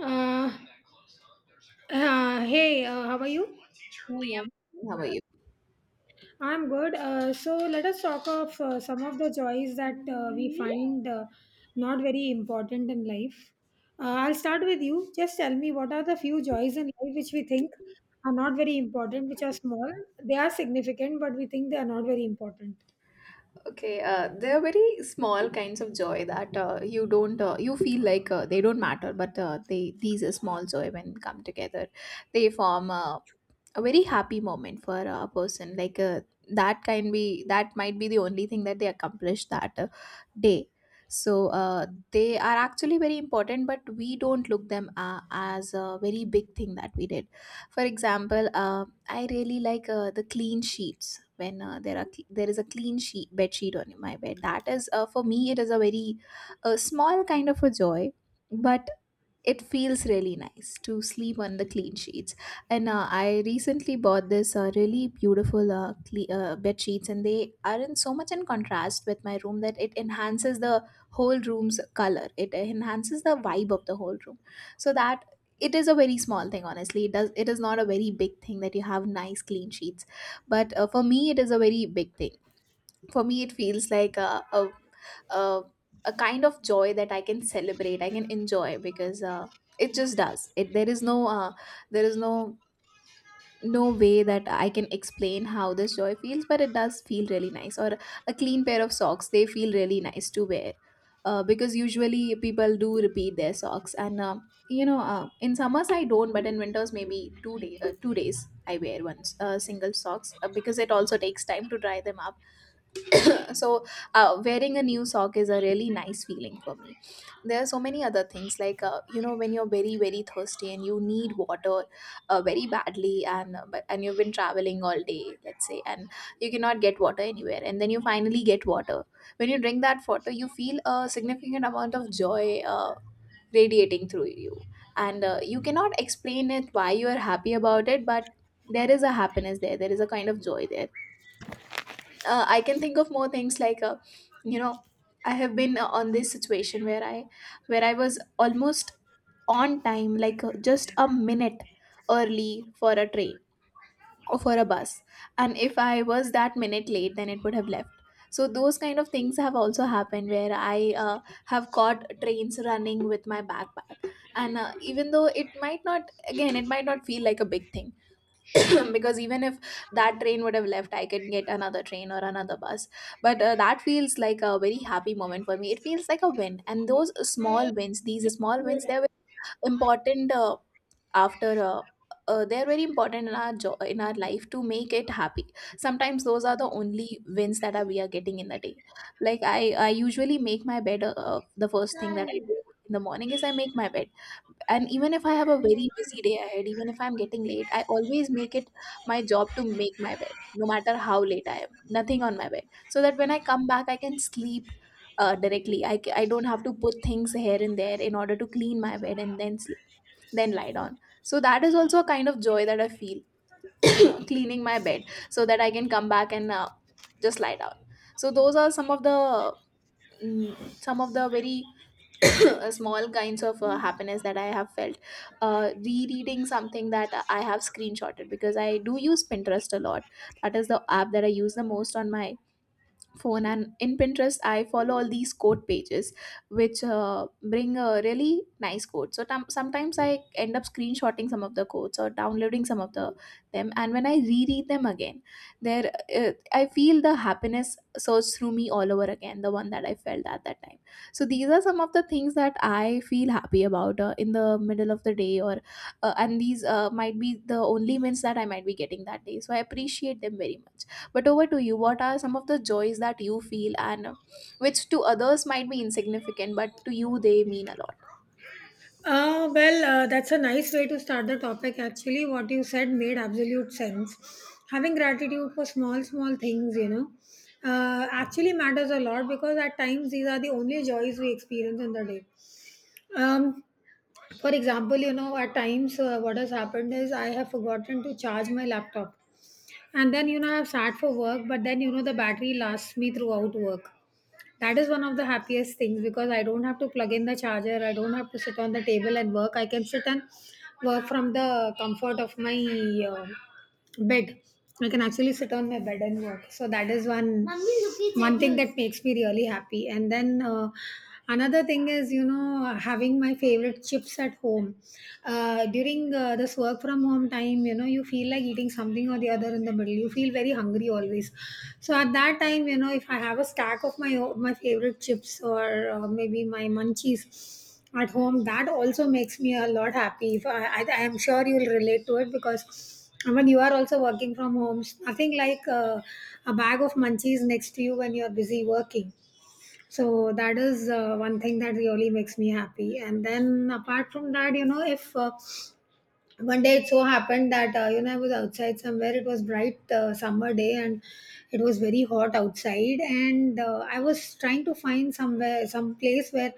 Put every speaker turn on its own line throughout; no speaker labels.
Uh, hey, how are you?
Hello. How are you?
I'm good. So let us talk of some of the joys that we find not very important in life. I'll start with you. Just tell me what are the few joys in life which we think are not very important, which are small. They are significant, but we think they are not very important.
Okay, there are very small kinds of joy that you don't, you feel like they don't matter, but they these are small joy when come together, they form a very happy moment for a person like that can be that might be the only thing that they accomplish that day, so they are actually very important, but we don't look them as a very big thing that we did. For example, I really like the clean sheets. When there is a clean sheet bed sheet on my bed, that is, for me, it is a very small kind of a joy, but it feels really nice to sleep on the clean sheets. And I recently bought this really beautiful bed sheets, and they are in so much in contrast with my room that it enhances the whole room's color, it enhances the vibe of the whole room. So that, it is a very small thing, honestly. It does, it is not a very big thing that you have nice clean sheets, but for me it is a very big thing. For me it feels like a, a kind of joy that I can celebrate, I can enjoy, because it just does it. There is no there is no no way that I can explain how this joy feels, but it does feel really nice. Or a clean pair of socks, they feel really nice to wear, because usually people do repeat their socks. And in summers I don't, but in winters maybe 2 days I wear once single socks, because it also takes time to dry them up. So wearing a new sock is a really nice feeling for me. There are so many other things, like, you know, when you're very very thirsty and you need water very badly, and but and you've been traveling all day, let's say, and you cannot get water anywhere, and then you finally get water. When you drink that water, you feel a significant amount of joy, radiating through you. And you cannot explain it, why you are happy about it, but there is a happiness there, there is a kind of joy there. I can think of more things, like, you know, I have been on this situation where I was almost on time, like, just a minute early for a train or for a bus, and if I was that minute late, then it would have left. So those kind of things have also happened, where I have caught trains running with my backpack, and even though it might not, again, it might not feel like a big thing. Because even if that train would have left, I could get another train or another bus, but that feels like a very happy moment for me. It feels like a win, and those small wins, these small wins, they important, after they're very important in our in our life to make it happy. Sometimes those are the only wins that are, we are getting in the day. Like, I usually make my bed. The first thing that I do in the morning is I make my bed. And even if I have a very busy day ahead, even if I'm getting late, I always make it my job to make my bed, no matter how late I am. Nothing on my bed, so that when I come back I can sleep directly. I don't have to put things here and there in order to clean my bed and then sleep, then lie down. So that is also a kind of joy that I feel, cleaning my bed so that I can come back and just lie down. So those are some of the some of the very small kinds of happiness that I have felt. Rereading something that I have screenshotted, because I do use Pinterest a lot. That is the app that I use the most on my phone. And in Pinterest I follow all these quote pages, which bring a really nice quote. So sometimes I end up screenshotting some of the quotes or downloading some of the them, and when I reread them again, there uh, I feel the happiness surge through me all over again, the one that I felt at that time. So these are some of the things that I feel happy about, in the middle of the day. Or and these might be the only wins that I might be getting that day, so I appreciate them very much. But over to you, what are some of the joys that you feel, and which to others might be insignificant, but to you they mean a lot?
Well, that's a nice way to start the topic. Actually, what you said made absolute sense. Having gratitude for small, small things, actually matters a lot, because at times these are the only joys we experience in the day. Um, for example, you know, at times what has happened is I have forgotten to charge my laptop, and then I've sat for work, but then the battery lasts me throughout work. That is one of the happiest things, because I don't have to plug in the charger, I don't have to sit on the table and work. I can sit and work from the comfort of my uh, Bed. I can actually sit on my bed and work. So that is one thing that makes me really happy. And then another thing is, having my favorite chips at home. During this work from home time, you feel like eating something or the other in the middle. You feel very hungry always. So at that time, if I have a stack of my favorite chips, or maybe my munchies at home, that also makes me a lot happy. If I, I, I am sure you'll relate to it, because when you are also working from home, nothing like a bag of munchies next to you when you're busy working. So that is one thing that really makes me happy. And then, apart from that, if one day it so happened that I was outside somewhere. It was bright summer day, and it was very hot outside, and I was trying to find somewhere, some place where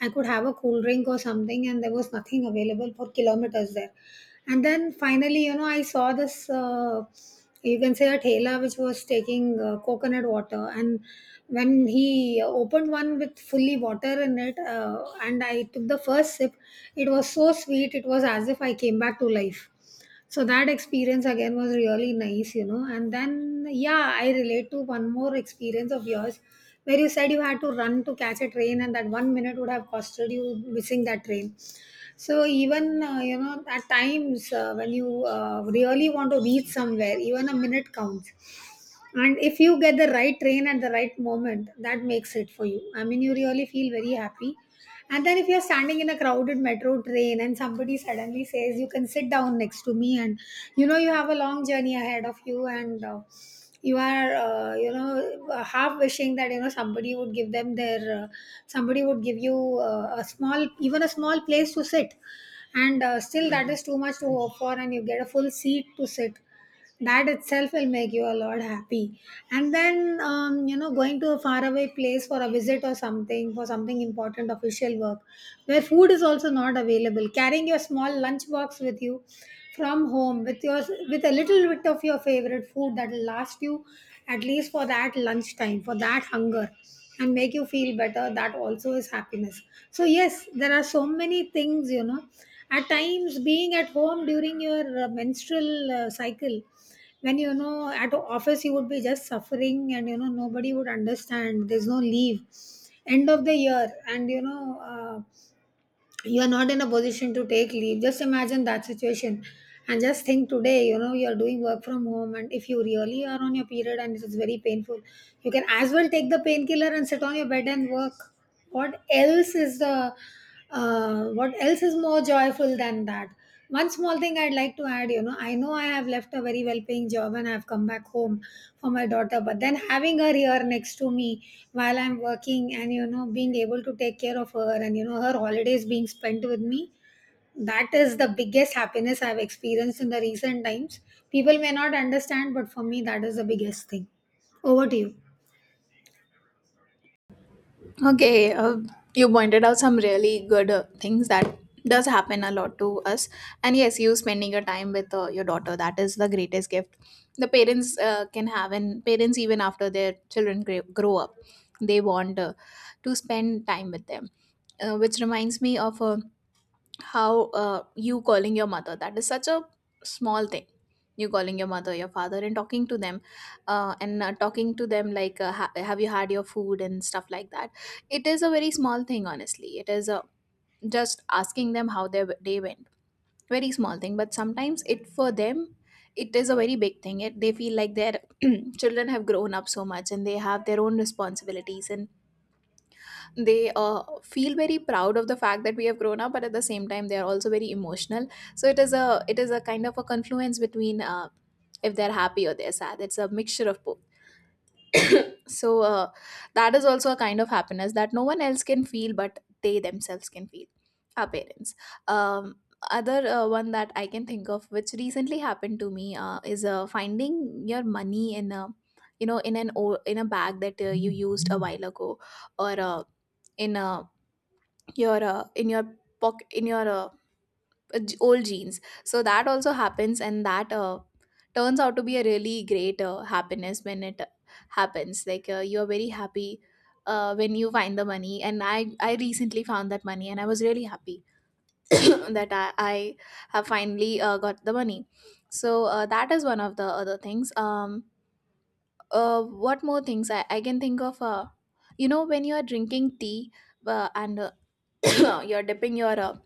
I could have a cool drink or something, and there was nothing available for kilometers there. And then finally, I saw this, you can say a tailor which was taking coconut water. And when he opened one with fully water in it, and I took the first sip, it was so sweet. It was as if I came back to life. So that experience again was really nice. And then, yeah, I relate to one more experience of yours, where you said you had to run to catch a train, and that one minute would have costed you missing that train. So, even, at times, when you really want to reach somewhere, even a minute counts, and if you get the right train at the right moment, that makes it for you. I mean, you really feel very happy. And then, if you're standing in a crowded metro train, and somebody suddenly says you can sit down next to me, and you have a long journey ahead of you, and you are half wishing that somebody would give you a small, even a small place to sit, and still that is too much to hope for, and you get a full seat to sit, that itself will make you a lot happy. And then, going to a faraway place for a visit or something, for something important, official work, where food is also not available, carrying your small lunch box with you from home, with a little bit of your favorite food, that will last you at least for that lunchtime, for that hunger, and make you feel better, that also is happiness. So yes, there are so many things. At times, being at home during your menstrual cycle, when, at office you would be just suffering, and nobody would understand, there's no leave, end of the year, and you are not in a position to take leave. Just imagine that situation. And just think, today, you are doing work from home, and if you really are on your period and it is very painful, you can as well take the painkiller and sit on your bed and work. What else is the what else is more joyful than that? One small thing I'd like to add, I know I have left a very well paying job and I've come back home for my daughter, but then having her here next to me while I'm working, and, being able to take care of her, and, her holidays being spent with me, that is the biggest happiness I've experienced in the recent times. People may not understand, but for me, that is the biggest thing. Over to you.
Okay, you pointed out some really good things that does happen a lot to us. And yes, you spending your time with your daughter, that is the greatest gift the parents can have. And parents, even after their children grow up, they want to spend time with them. Which reminds me of a how you calling your mother, that is such a small thing. You calling your mother, your father, and talking to them, and talking to them like, have you had your food and stuff like that. It is a very small thing, honestly. It is, just asking them how their day went. Very small thing, but sometimes it for them, it is a very big thing. It, they feel like their children have grown up so much, and they have their own responsibilities, and they feel very proud of the fact that we have grown up, but at the same time they are also very emotional. So it is a, it is a kind of a confluence between, if they're happy or they're sad, it's a mixture of both. So that is also a kind of happiness that no one else can feel, but they themselves can feel, our parents. Um, other one that I can think of, which recently happened to me, is finding your money in a, you know, in an in a bag that you used a while ago, or in a, your in your pocket, in your old jeans. So that also happens, and that turns out to be a really great happiness when it happens. Like, you're very happy when you find the money, and I recently found that money and I was really happy that I have finally got the money. So that is one of the other things. Um, what more things I can think of. Uh, you know, when you are drinking tea and you're dipping your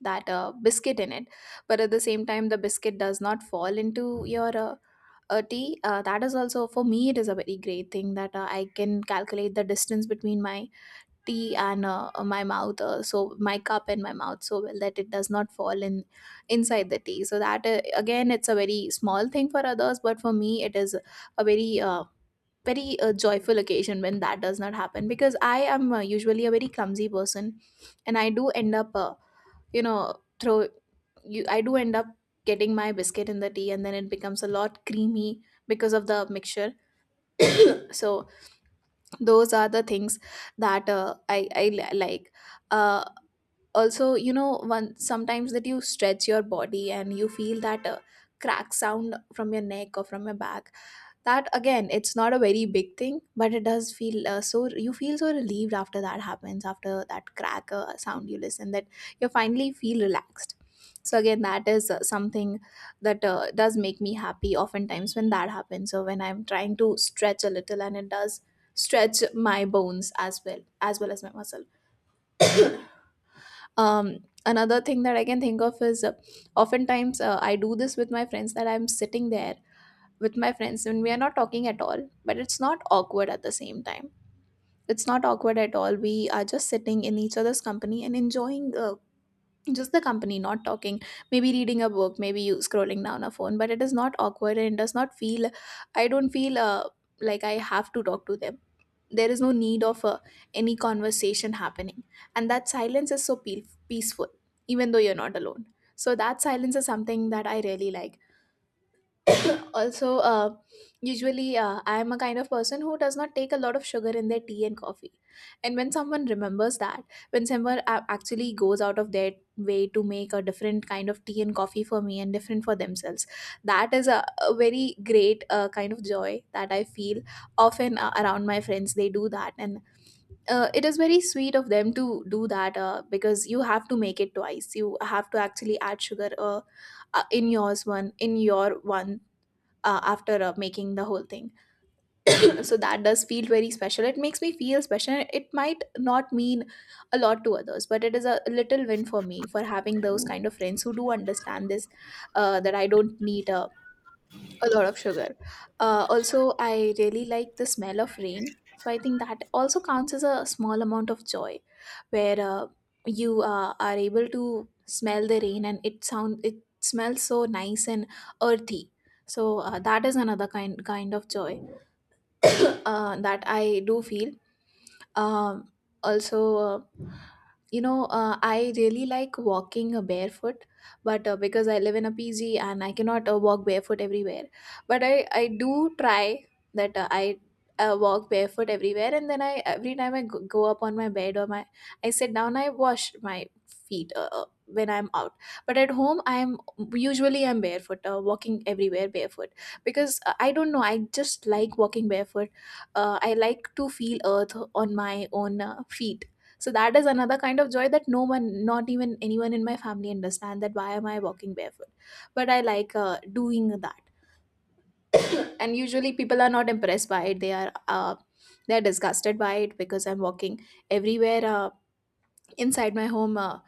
that biscuit in it, but at the same time the biscuit does not fall into your tea. That is also, for me it is a very great thing that I can calculate the distance between my tea and my mouth, so my cup and my mouth, so well that it does not fall in inside the tea. So that, again, it's a very small thing for others, but for me it is a very very joyful occasion when that does not happen, because I am usually a very clumsy person, and I do end up you know, throw, you, I do end up getting my biscuit in the tea, and then it becomes a lot creamy because of the mixture. So those are the things that I like. uh, also, you know, one sometimes that you stretch your body and you feel that crack sound from your neck or from your back. That, again, it's not a very big thing, but it does feel so, you feel so relieved after that happens, after that crack sound you listen, that you finally feel relaxed. So again, that is something that does make me happy oftentimes when that happens. So when I'm trying to stretch a little, and it does stretch my bones as well, as well as my muscle. Um, another thing that I can think of is, oftentimes I do this with my friends, that I'm sitting there with my friends and we are not talking at all, but it's not awkward. At the Same time, it's not awkward at all. We are just sitting in each other's company and enjoying just the company, not talking, maybe reading a book, maybe you scrolling down a phone, but it is not awkward and it does not feel, I don't feel like I have to talk to them. There is no need of any conversation happening, and that silence is so peaceful, even though you're not alone. So that silence is something that I really like. Also, usually I am a kind of person who does not take a lot of sugar in their tea and coffee, and when someone remembers that, when someone actually goes out of their way to make a different kind of tea and coffee for me and different for themselves, that is a very great kind of joy that I feel. Often around my friends, they do that, and it is very sweet of them to do that, because you have to make it twice, you have to actually add sugar, in yours one, in your one, after making the whole thing. So that does feel very special, it makes me feel special. It might not mean a lot to others, but it is a little win for me, for having those kind of friends who do understand this, that I don't need a lot of sugar. Also, I really like the smell of rain. So I think that also counts as a small amount of joy, where you are able to smell the rain and it sound it smells so nice and earthy. So that is another kind of joy that I do feel. Um, also uh, I really like walking barefoot, but because I live in a pg and I cannot walk barefoot everywhere. But I do try that I walk barefoot everywhere, and then I, every time I go up on my bed or my, I sit down, I wash my feet when I'm out. But at home, I'm usually I'm barefoot, walking everywhere barefoot, because I don't know, I just like walking barefoot. Uh, I like to feel earth on my own feet. So that is another kind of joy, that no one, not even anyone in my family, understand that why am I walking barefoot? But I like doing that, and usually people are not impressed by it. They are disgusted by it, because I'm walking everywhere inside my home,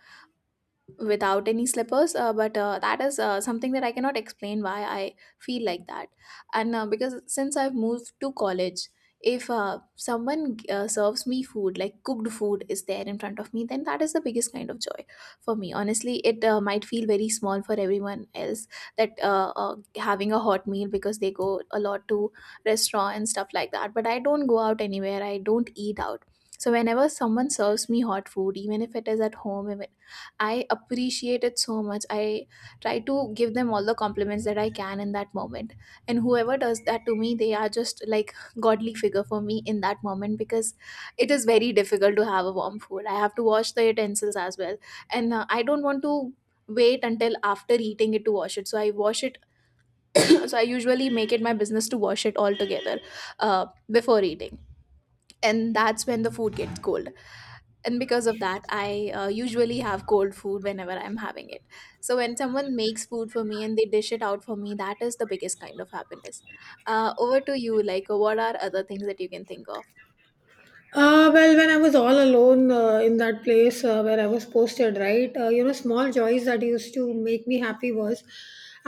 without any slippers, but that is something that I cannot explain, why I feel like that. And because since I've moved to college, if someone serves me food, like cooked food is there in front of me, then that is the biggest kind of joy for me. Honestly, it might feel very small for everyone else, that having a hot meal, because they go a lot to restaurant and stuff like that, but I don't go out anywhere, I don't eat out. So whenever someone serves me hot food, even if it is at home, if I appreciate it so much. I try to give them all the compliments that I can in that moment. And whoever does that to me, they are just like godly figure for me in that moment, because it is very difficult to have a warm food. I have to wash the utensils as well. And I don't want to wait until after eating it to wash it. So I wash it. So I usually make it my business to wash it all together before eating. And that's when the food gets cold, and because of that I usually have cold food whenever I'm having it. So when someone makes food for me and they dish it out for me, that is the biggest kind of happiness. Over to you, like what are other things that you can think of.
Well, when I was all alone in that place where I was posted, right? Small joys that used to make me happy was,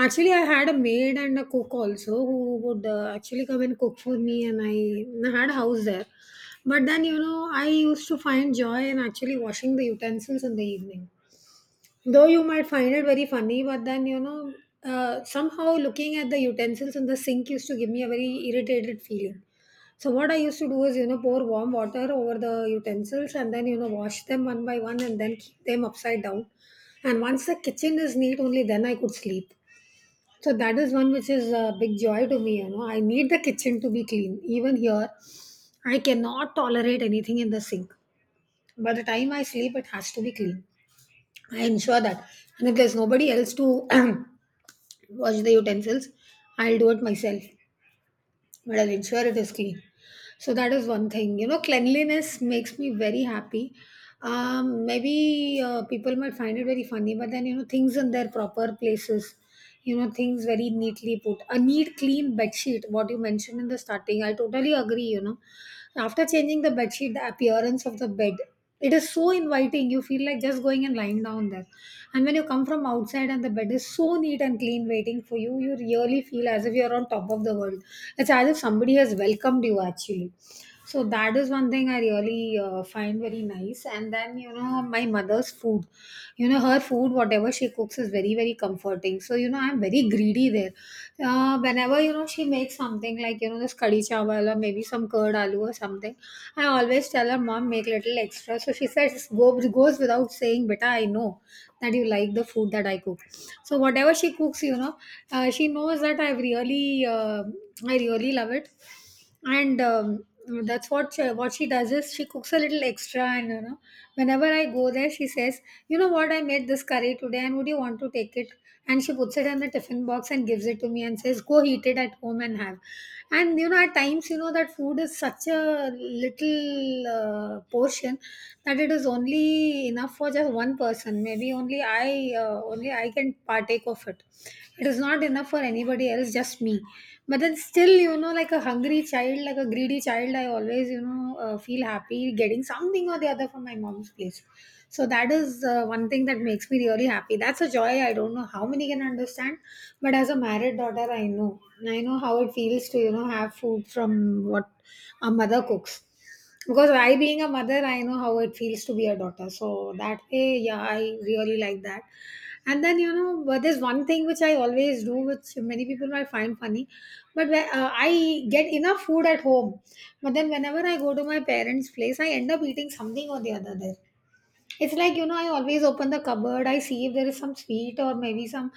actually, I had a maid and a cook also who would actually come and cook for me, and I had a house there. But then, I used to find joy in actually washing the utensils in the evening. Though you might find it very funny, but then somehow looking at the utensils in the sink used to give me a very irritated feeling. So what I used to do is, pour warm water over the utensils, and then, wash them one by one, and then keep them upside down. And once the kitchen is neat, only then I could sleep. So that is one which is a big joy to me. You know, I need the kitchen to be clean. Even here, I cannot tolerate anything in the sink. By the time I sleep, it has to be clean. I ensure that. And if there's nobody else to wash the utensils, I'll do it myself. But I'll ensure it is clean. So that is one thing. You know, cleanliness makes me very happy. Maybe people might find it very funny, but then, you know, things in their proper places, things very neatly put, a neat clean bed sheet, what you mentioned in the starting, I totally agree. After changing the bed sheet, the appearance of the bed, it is so inviting, you feel like just going and lying down there. And when you come from outside and the bed is so neat and clean waiting for you, you really feel as if you're on top of the world. It's as if somebody has welcomed you, actually. So that is one thing I really find very nice. And then, my mother's food, her food, whatever she cooks, is very, very comforting. So, I'm very greedy there. Whenever, she makes something like, this kadi chawal or maybe some curd aloo or something, I always tell her, Mom, make little extra. So she says, goes without saying, Beta, I know that you like the food that I cook. So whatever she cooks, she knows that I've I really love it, and that's what she does is she cooks a little extra, and you know, whenever I go there, she says, you know what, I made this curry today, and would you want to take it? And she puts it in the tiffin box and gives it to me and says, go heat it at home and have. And at times, that food is such a little portion, that it is only enough for just one person. Maybe only I can partake of it. It is not enough for anybody else, just me. But then still, you know, like a hungry child, like a greedy child, I always, feel happy getting something or the other from my mom's place. So that is one thing that makes me really happy. That's a joy. I don't know how many can understand, but as a married daughter, I know. And I know how it feels to, have food from what our mother cooks. Because I, being a mother, I know how it feels to be a daughter. So that way, yeah, I really like that. And then you know, but there's one thing which I always do, which many people might find funny, but where, I get enough food at home. But then whenever I go to my parents' place, I end up eating something or the other there. It's like, you know, I always open the cupboard, I see if there is some sweet or maybe some,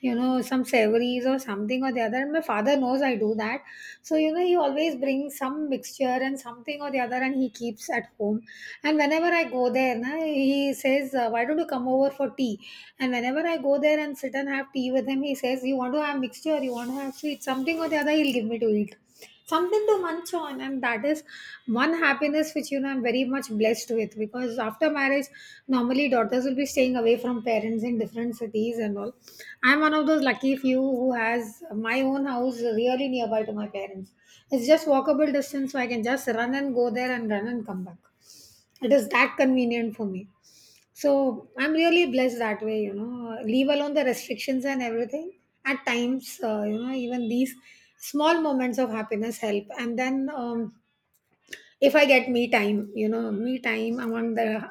you know, some savories or something or the other. And my father knows I do that. So, you know, he always brings some mixture and something or the other and he keeps at home. And whenever I go there, na, he says, why don't you come over for tea? And whenever I go there and sit and have tea with him, he says, you want to have mixture, you want to have sweet, something or the other, he'll give me to eat something to munch on, and that is one happiness which, you know, I'm very much blessed with. Because after marriage, normally daughters will be staying away from parents in different cities and all. I'm one of those lucky few who has my own house really nearby to my parents. It's just walkable distance, so I can just run and go there and run and come back. It is that convenient for me. So I'm really blessed that way, you know, leave alone the restrictions and everything. At times, you know, even these small moments of happiness help. And then um, if I get me time, you know, me time among the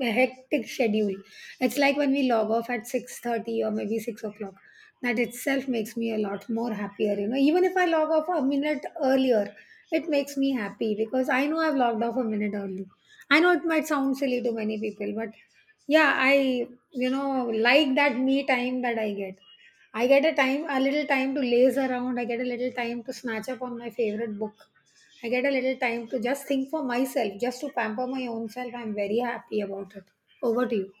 hectic schedule. It's like when we log off at 6:30 or maybe 6 o'clock. That itself makes me a lot more happier, you know. Even if I log off a minute earlier, it makes me happy because I know I've logged off a minute early. I know it might sound silly to many people, but yeah, I, you know, like that me time that I get. I get a time, a little time to laze around. I get a little time to snatch up on my favorite book. I get a little time to just think for myself, just to pamper my own self. I'm very happy about it. Over to you.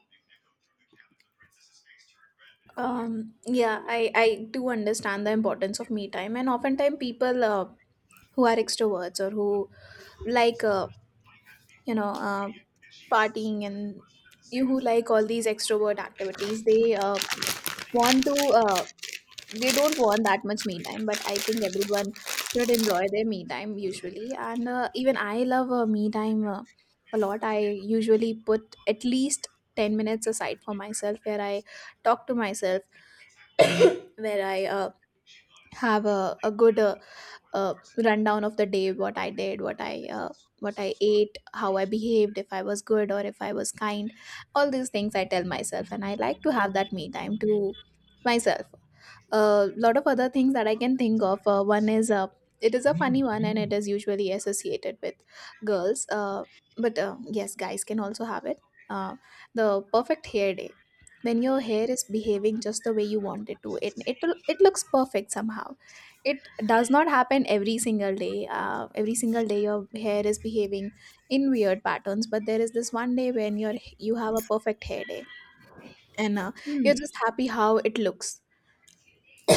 um yeah, I do understand the importance of me time, and oftentimes people who are extroverts or who like you know uh, partying and you, who like all these extrovert activities, they want to, they don't want that much me time, but I think everyone should enjoy their me time usually. And even I love me time a lot. I usually put at least 10 minutes aside for myself, where I talk to myself. Where I have a good uh, rundown of the day, what I did, what I what I ate, how I behaved, if I was good or if I was kind. All these things I tell myself, and I like to have that me time to myself. A lot of other things that I can think of. One is it is a funny one, and it is usually associated with girls, but yes, guys can also have it. Uh, the perfect hair day. When your hair is behaving just the way you want it to, it looks perfect somehow. It does not happen every single day. Every single day your hair is behaving in weird patterns, but there is this one day when you have a perfect hair day, and
Hmm.
you're just happy how it looks.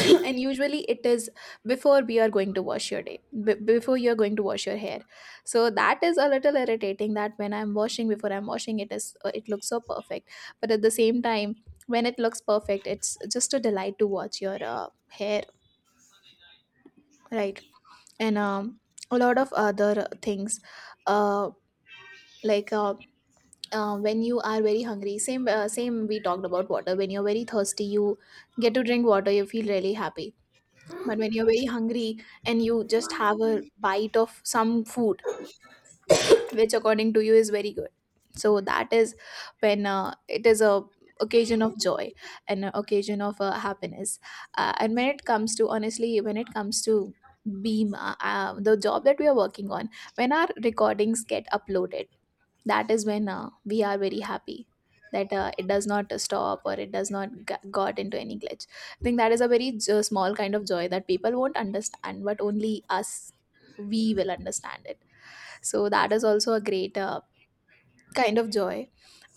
And usually it is before we are going to wash your day b- before you're going to wash your hair. So that is a little irritating, that when I'm washing before I'm washing, it is it looks so perfect. But at the same time, when it looks perfect, it's just a delight to watch your hair, right? And a lot of other things, uh, like when you are very hungry, same we talked about water, when you're very thirsty, you get to drink water, you feel really happy. But when you're very hungry, and you just have a bite of some food, which according to you is very good. So that is when it is a occasion of joy and an occasion of happiness. And when it comes to, honestly, when it comes to Beam, the job that we are working on, when our recordings get uploaded, that is when we are very happy, that it does not stop, or it does not got into any glitch. I think that is a very small kind of joy that people won't understand, but only us we will understand it. So that is also a great kind of joy.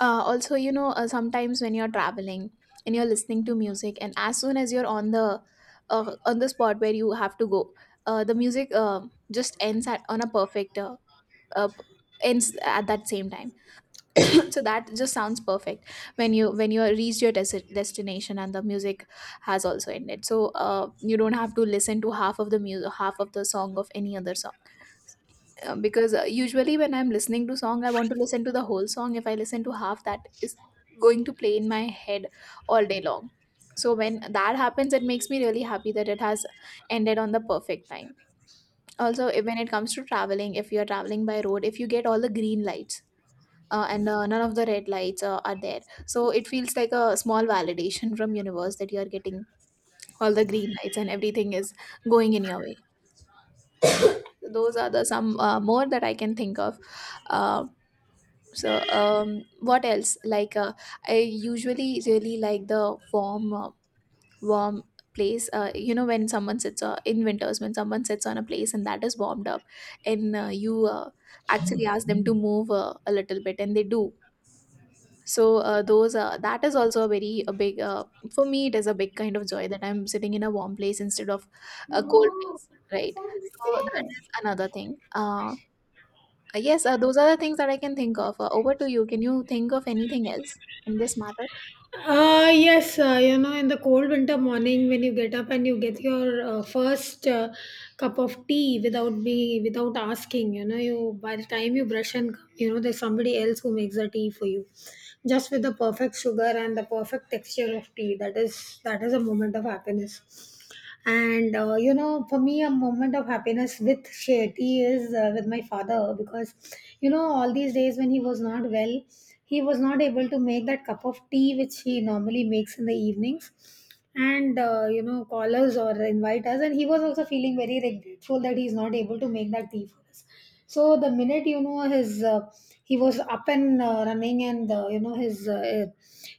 Also, sometimes when you're traveling and you're listening to music, and as soon as you're on the spot where you have to go, the music just ends at on a perfect uh, ends at that same time. So that just sounds perfect, when you reach your destination and the music has also ended, so you don't have to listen to half of the music, half of the song of any other song, because usually when I'm listening to song, I want to listen to the whole song. If I listen to half, that is going to play in my head all day long. So when that happens, it makes me really happy, that it has ended on the perfect time. Also, when it comes to traveling, if you're traveling by road, if you get all the green lights, and none of the red lights are there, so it feels like a small validation from universe, that you are getting all the green lights and everything is going in your way. Those are the some more that I can think of. Uh, so um, what else like uh, I usually really like the warm place, you know, when someone sits in winters, when someone sits on a place and that is warmed up, and you actually ask them to move a little bit, and they do. So those that is also a very a big for me, it is a big kind of joy, that I'm sitting in a warm place instead of a cold place, right? So that is another thing. Yes, those are the things that I can think of. Over to you, can you think of anything else in this matter?
Yes, you know, in the cold winter morning when you get up and you get your first cup of tea without me, without asking, you know, you by the time you brush and come, you know, there's somebody else who makes the tea for you, just with the perfect sugar and the perfect texture of tea. That is a moment of happiness. And you know, for me, a moment of happiness with Shetty is, with my father, because you know, all these days when he was not well, he was not able to make that cup of tea which he normally makes in the evenings, and you know, call us or invite us. And he was also feeling very regretful that he's not able to make that tea for us. So the minute, you know, his he was up and running, and you know, his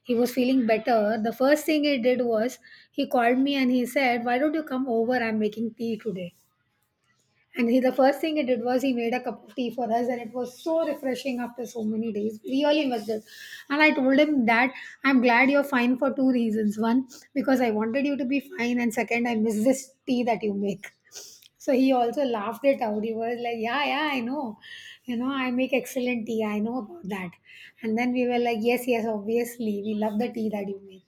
he was feeling better. The first thing he did was he called me and he said, "Why don't you come over? I'm making tea today." And he, the first thing he did was he made a cup of tea for us, and it was so refreshing after so many days. Really missed it. And I told him that I'm glad you're fine for two reasons. One, because I wanted you to be fine, and second, I miss this tea that you make. So he also laughed it out. He was like, yeah, yeah, I know. You know, I make excellent tea. I know about that. And then we were like, yes, yes, obviously. We love the tea that you make.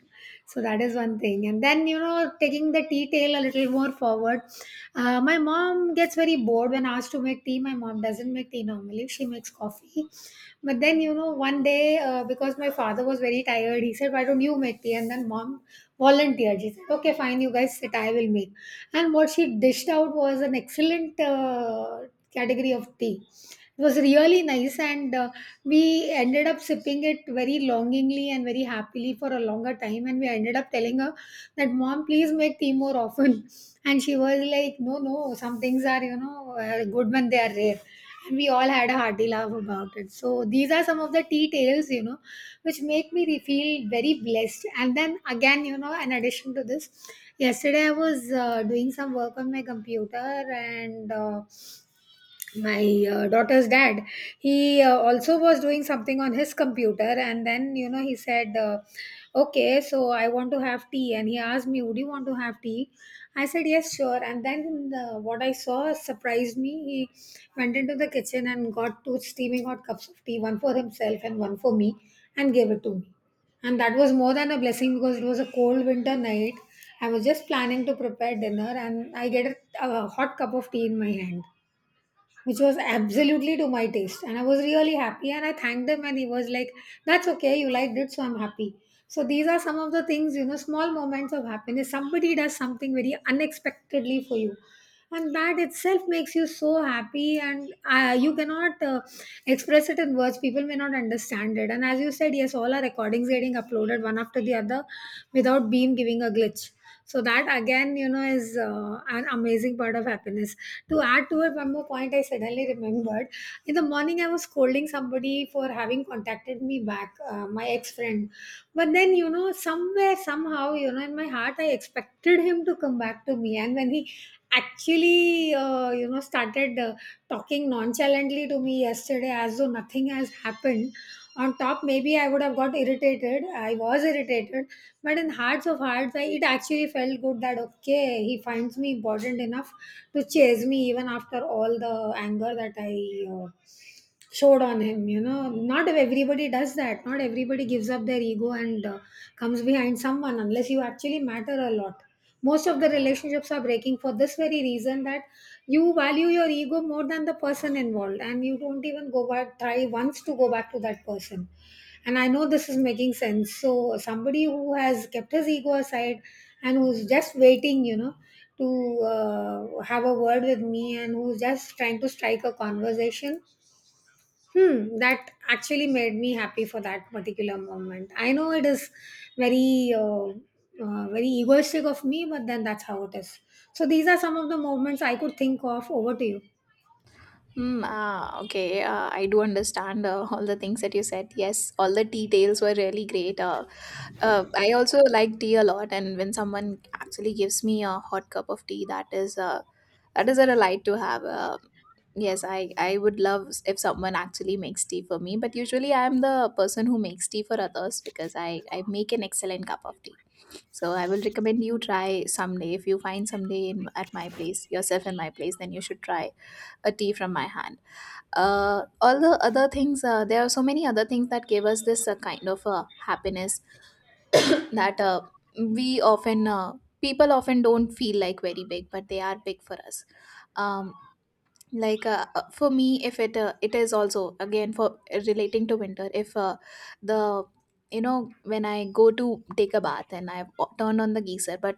So that is one thing. And then, you know, taking the tea tale a little more forward, my mom gets very bored when asked to make tea. My mom doesn't make tea normally, she makes coffee. But then, you know, one day, because my father was very tired, he said, why don't you make tea? And then mom volunteered. She said, okay, fine, you guys sit, I will make. And what she dished out was an excellent category of tea. It was really nice, and we ended up sipping it very longingly and very happily for a longer time. And we ended up telling her that mom, please make tea more often. And she was like, no, no, some things are, you know, good when they are rare. And we all had a hearty laugh about it. So these are some of the tea tales, you know, which make me feel very blessed. And then again, you know, in addition to this, yesterday I was doing some work on my computer. And my daughter's dad, he also was doing something on his computer. And then you know, he said, okay, so I want to have tea, and he asked me, would you want to have tea? I said, yes, sure. And then what I saw surprised me. He went into the kitchen and got two steaming hot cups of tea, one for himself and one for me, and gave it to me. And that was more than a blessing, because it was a cold winter night. I was just planning to prepare dinner, and I get a hot cup of tea in my hand, which was absolutely to my taste. And I was really happy, and I thanked him, and he was like, that's okay, you liked it, so I'm happy. So these are some of the things, you know, small moments of happiness. Somebody does something very unexpectedly for you. And that itself makes you so happy, and you cannot express it in words. People may not understand it. And as you said, yes, all our recordings getting uploaded one after the other without Beam giving a glitch. So that again, you know, is an amazing part of happiness. To add to it, one more point I suddenly remembered. In the morning, I was scolding somebody for having contacted me back, my ex friend. But then, you know, somewhere, somehow, you know, in my heart, I expected him to come back to me. And when he actually, you know, started talking nonchalantly to me yesterday as though nothing has happened, on top, maybe I would have got irritated. I was irritated, but in hearts of hearts, I, it actually felt good that okay, he finds me important enough to chase me even after all the anger that I uh, showed on him. You know, not everybody does that. Not everybody gives up their ego and comes behind someone unless you actually matter a lot. Most of the relationships are breaking for this very reason, that you value your ego more than the person involved, and you don't even go back, try once to go back to that person. And I know this is making sense. So somebody who has kept his ego aside, and who's just waiting, you know, to have a word with me, and who's just trying to strike a conversation. Hmm, that actually made me happy for that particular moment. I know it is very, very egoistic of me, but then that's how it is. So these are some of the moments I could think of. Over to you.
Mm, ah, okay. I do understand all the things that you said. Yes, all the details were really great. Uh, I also like tea a lot, and when someone actually gives me a hot cup of tea, that is a delight to have. Yes, I would love, if someone actually makes tea for me, but usually I am the person who makes tea for others, because I make an excellent cup of tea. So I will recommend you try someday. If you find someday in at my place, yourself in my place, then you should try a tea from my hand. All the other things, there are so many other things that give us this kind of happiness, that we often people often don't feel like very big, but they are big for us. um, for me, if it is also, again, for relating to winter, if the, you know, when I go to take a bath and I turn on the geyser, but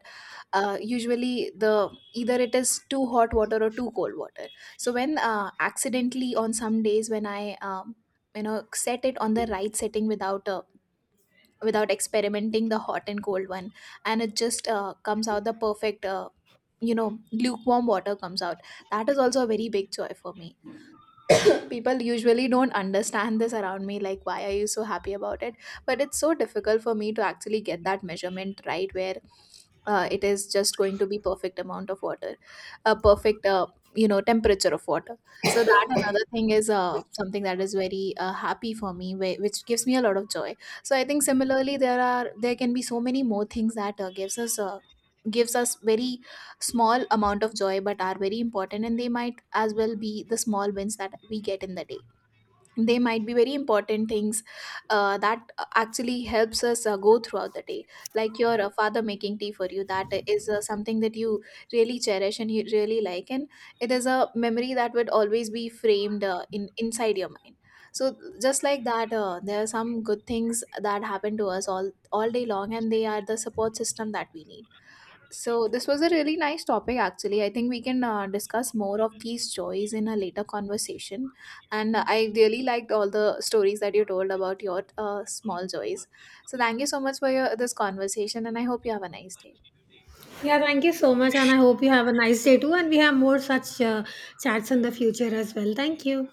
usually the either it is too hot water or too cold water. So when accidentally on some days, when I you know, set it on the right setting, without without experimenting the hot and cold one, and it just comes out the perfect you know, lukewarm water comes out, that is also a very big joy for me. People usually don't understand this around me, like why are you so happy about it? But it's so difficult for me to actually get that measurement right, where it is just going to be perfect amount of water, a perfect you know, temperature of water. So that another thing is something that is very happy for me, which gives me a lot of joy. So I think similarly there are, there can be so many more things that gives us very small amount of joy, but are very important, and they might as well be the small wins that we get in the day. They might be very important things that actually helps us go throughout the day. Like your father making tea for you, that is something that you really cherish and you really like, and it is a memory that would always be framed in inside your mind. So just like that, there are some good things that happen to us all day long, and they are the support system that we need. So this was a really nice topic actually. I think we can discuss more of these joys in a later conversation. And I really liked all the stories that you told about your small joys. So thank you so much for your, this conversation, and I hope you have a nice day.
Yeah, thank you so much, and I hope you have a nice day too. And we have more such chats in the future as well. Thank you.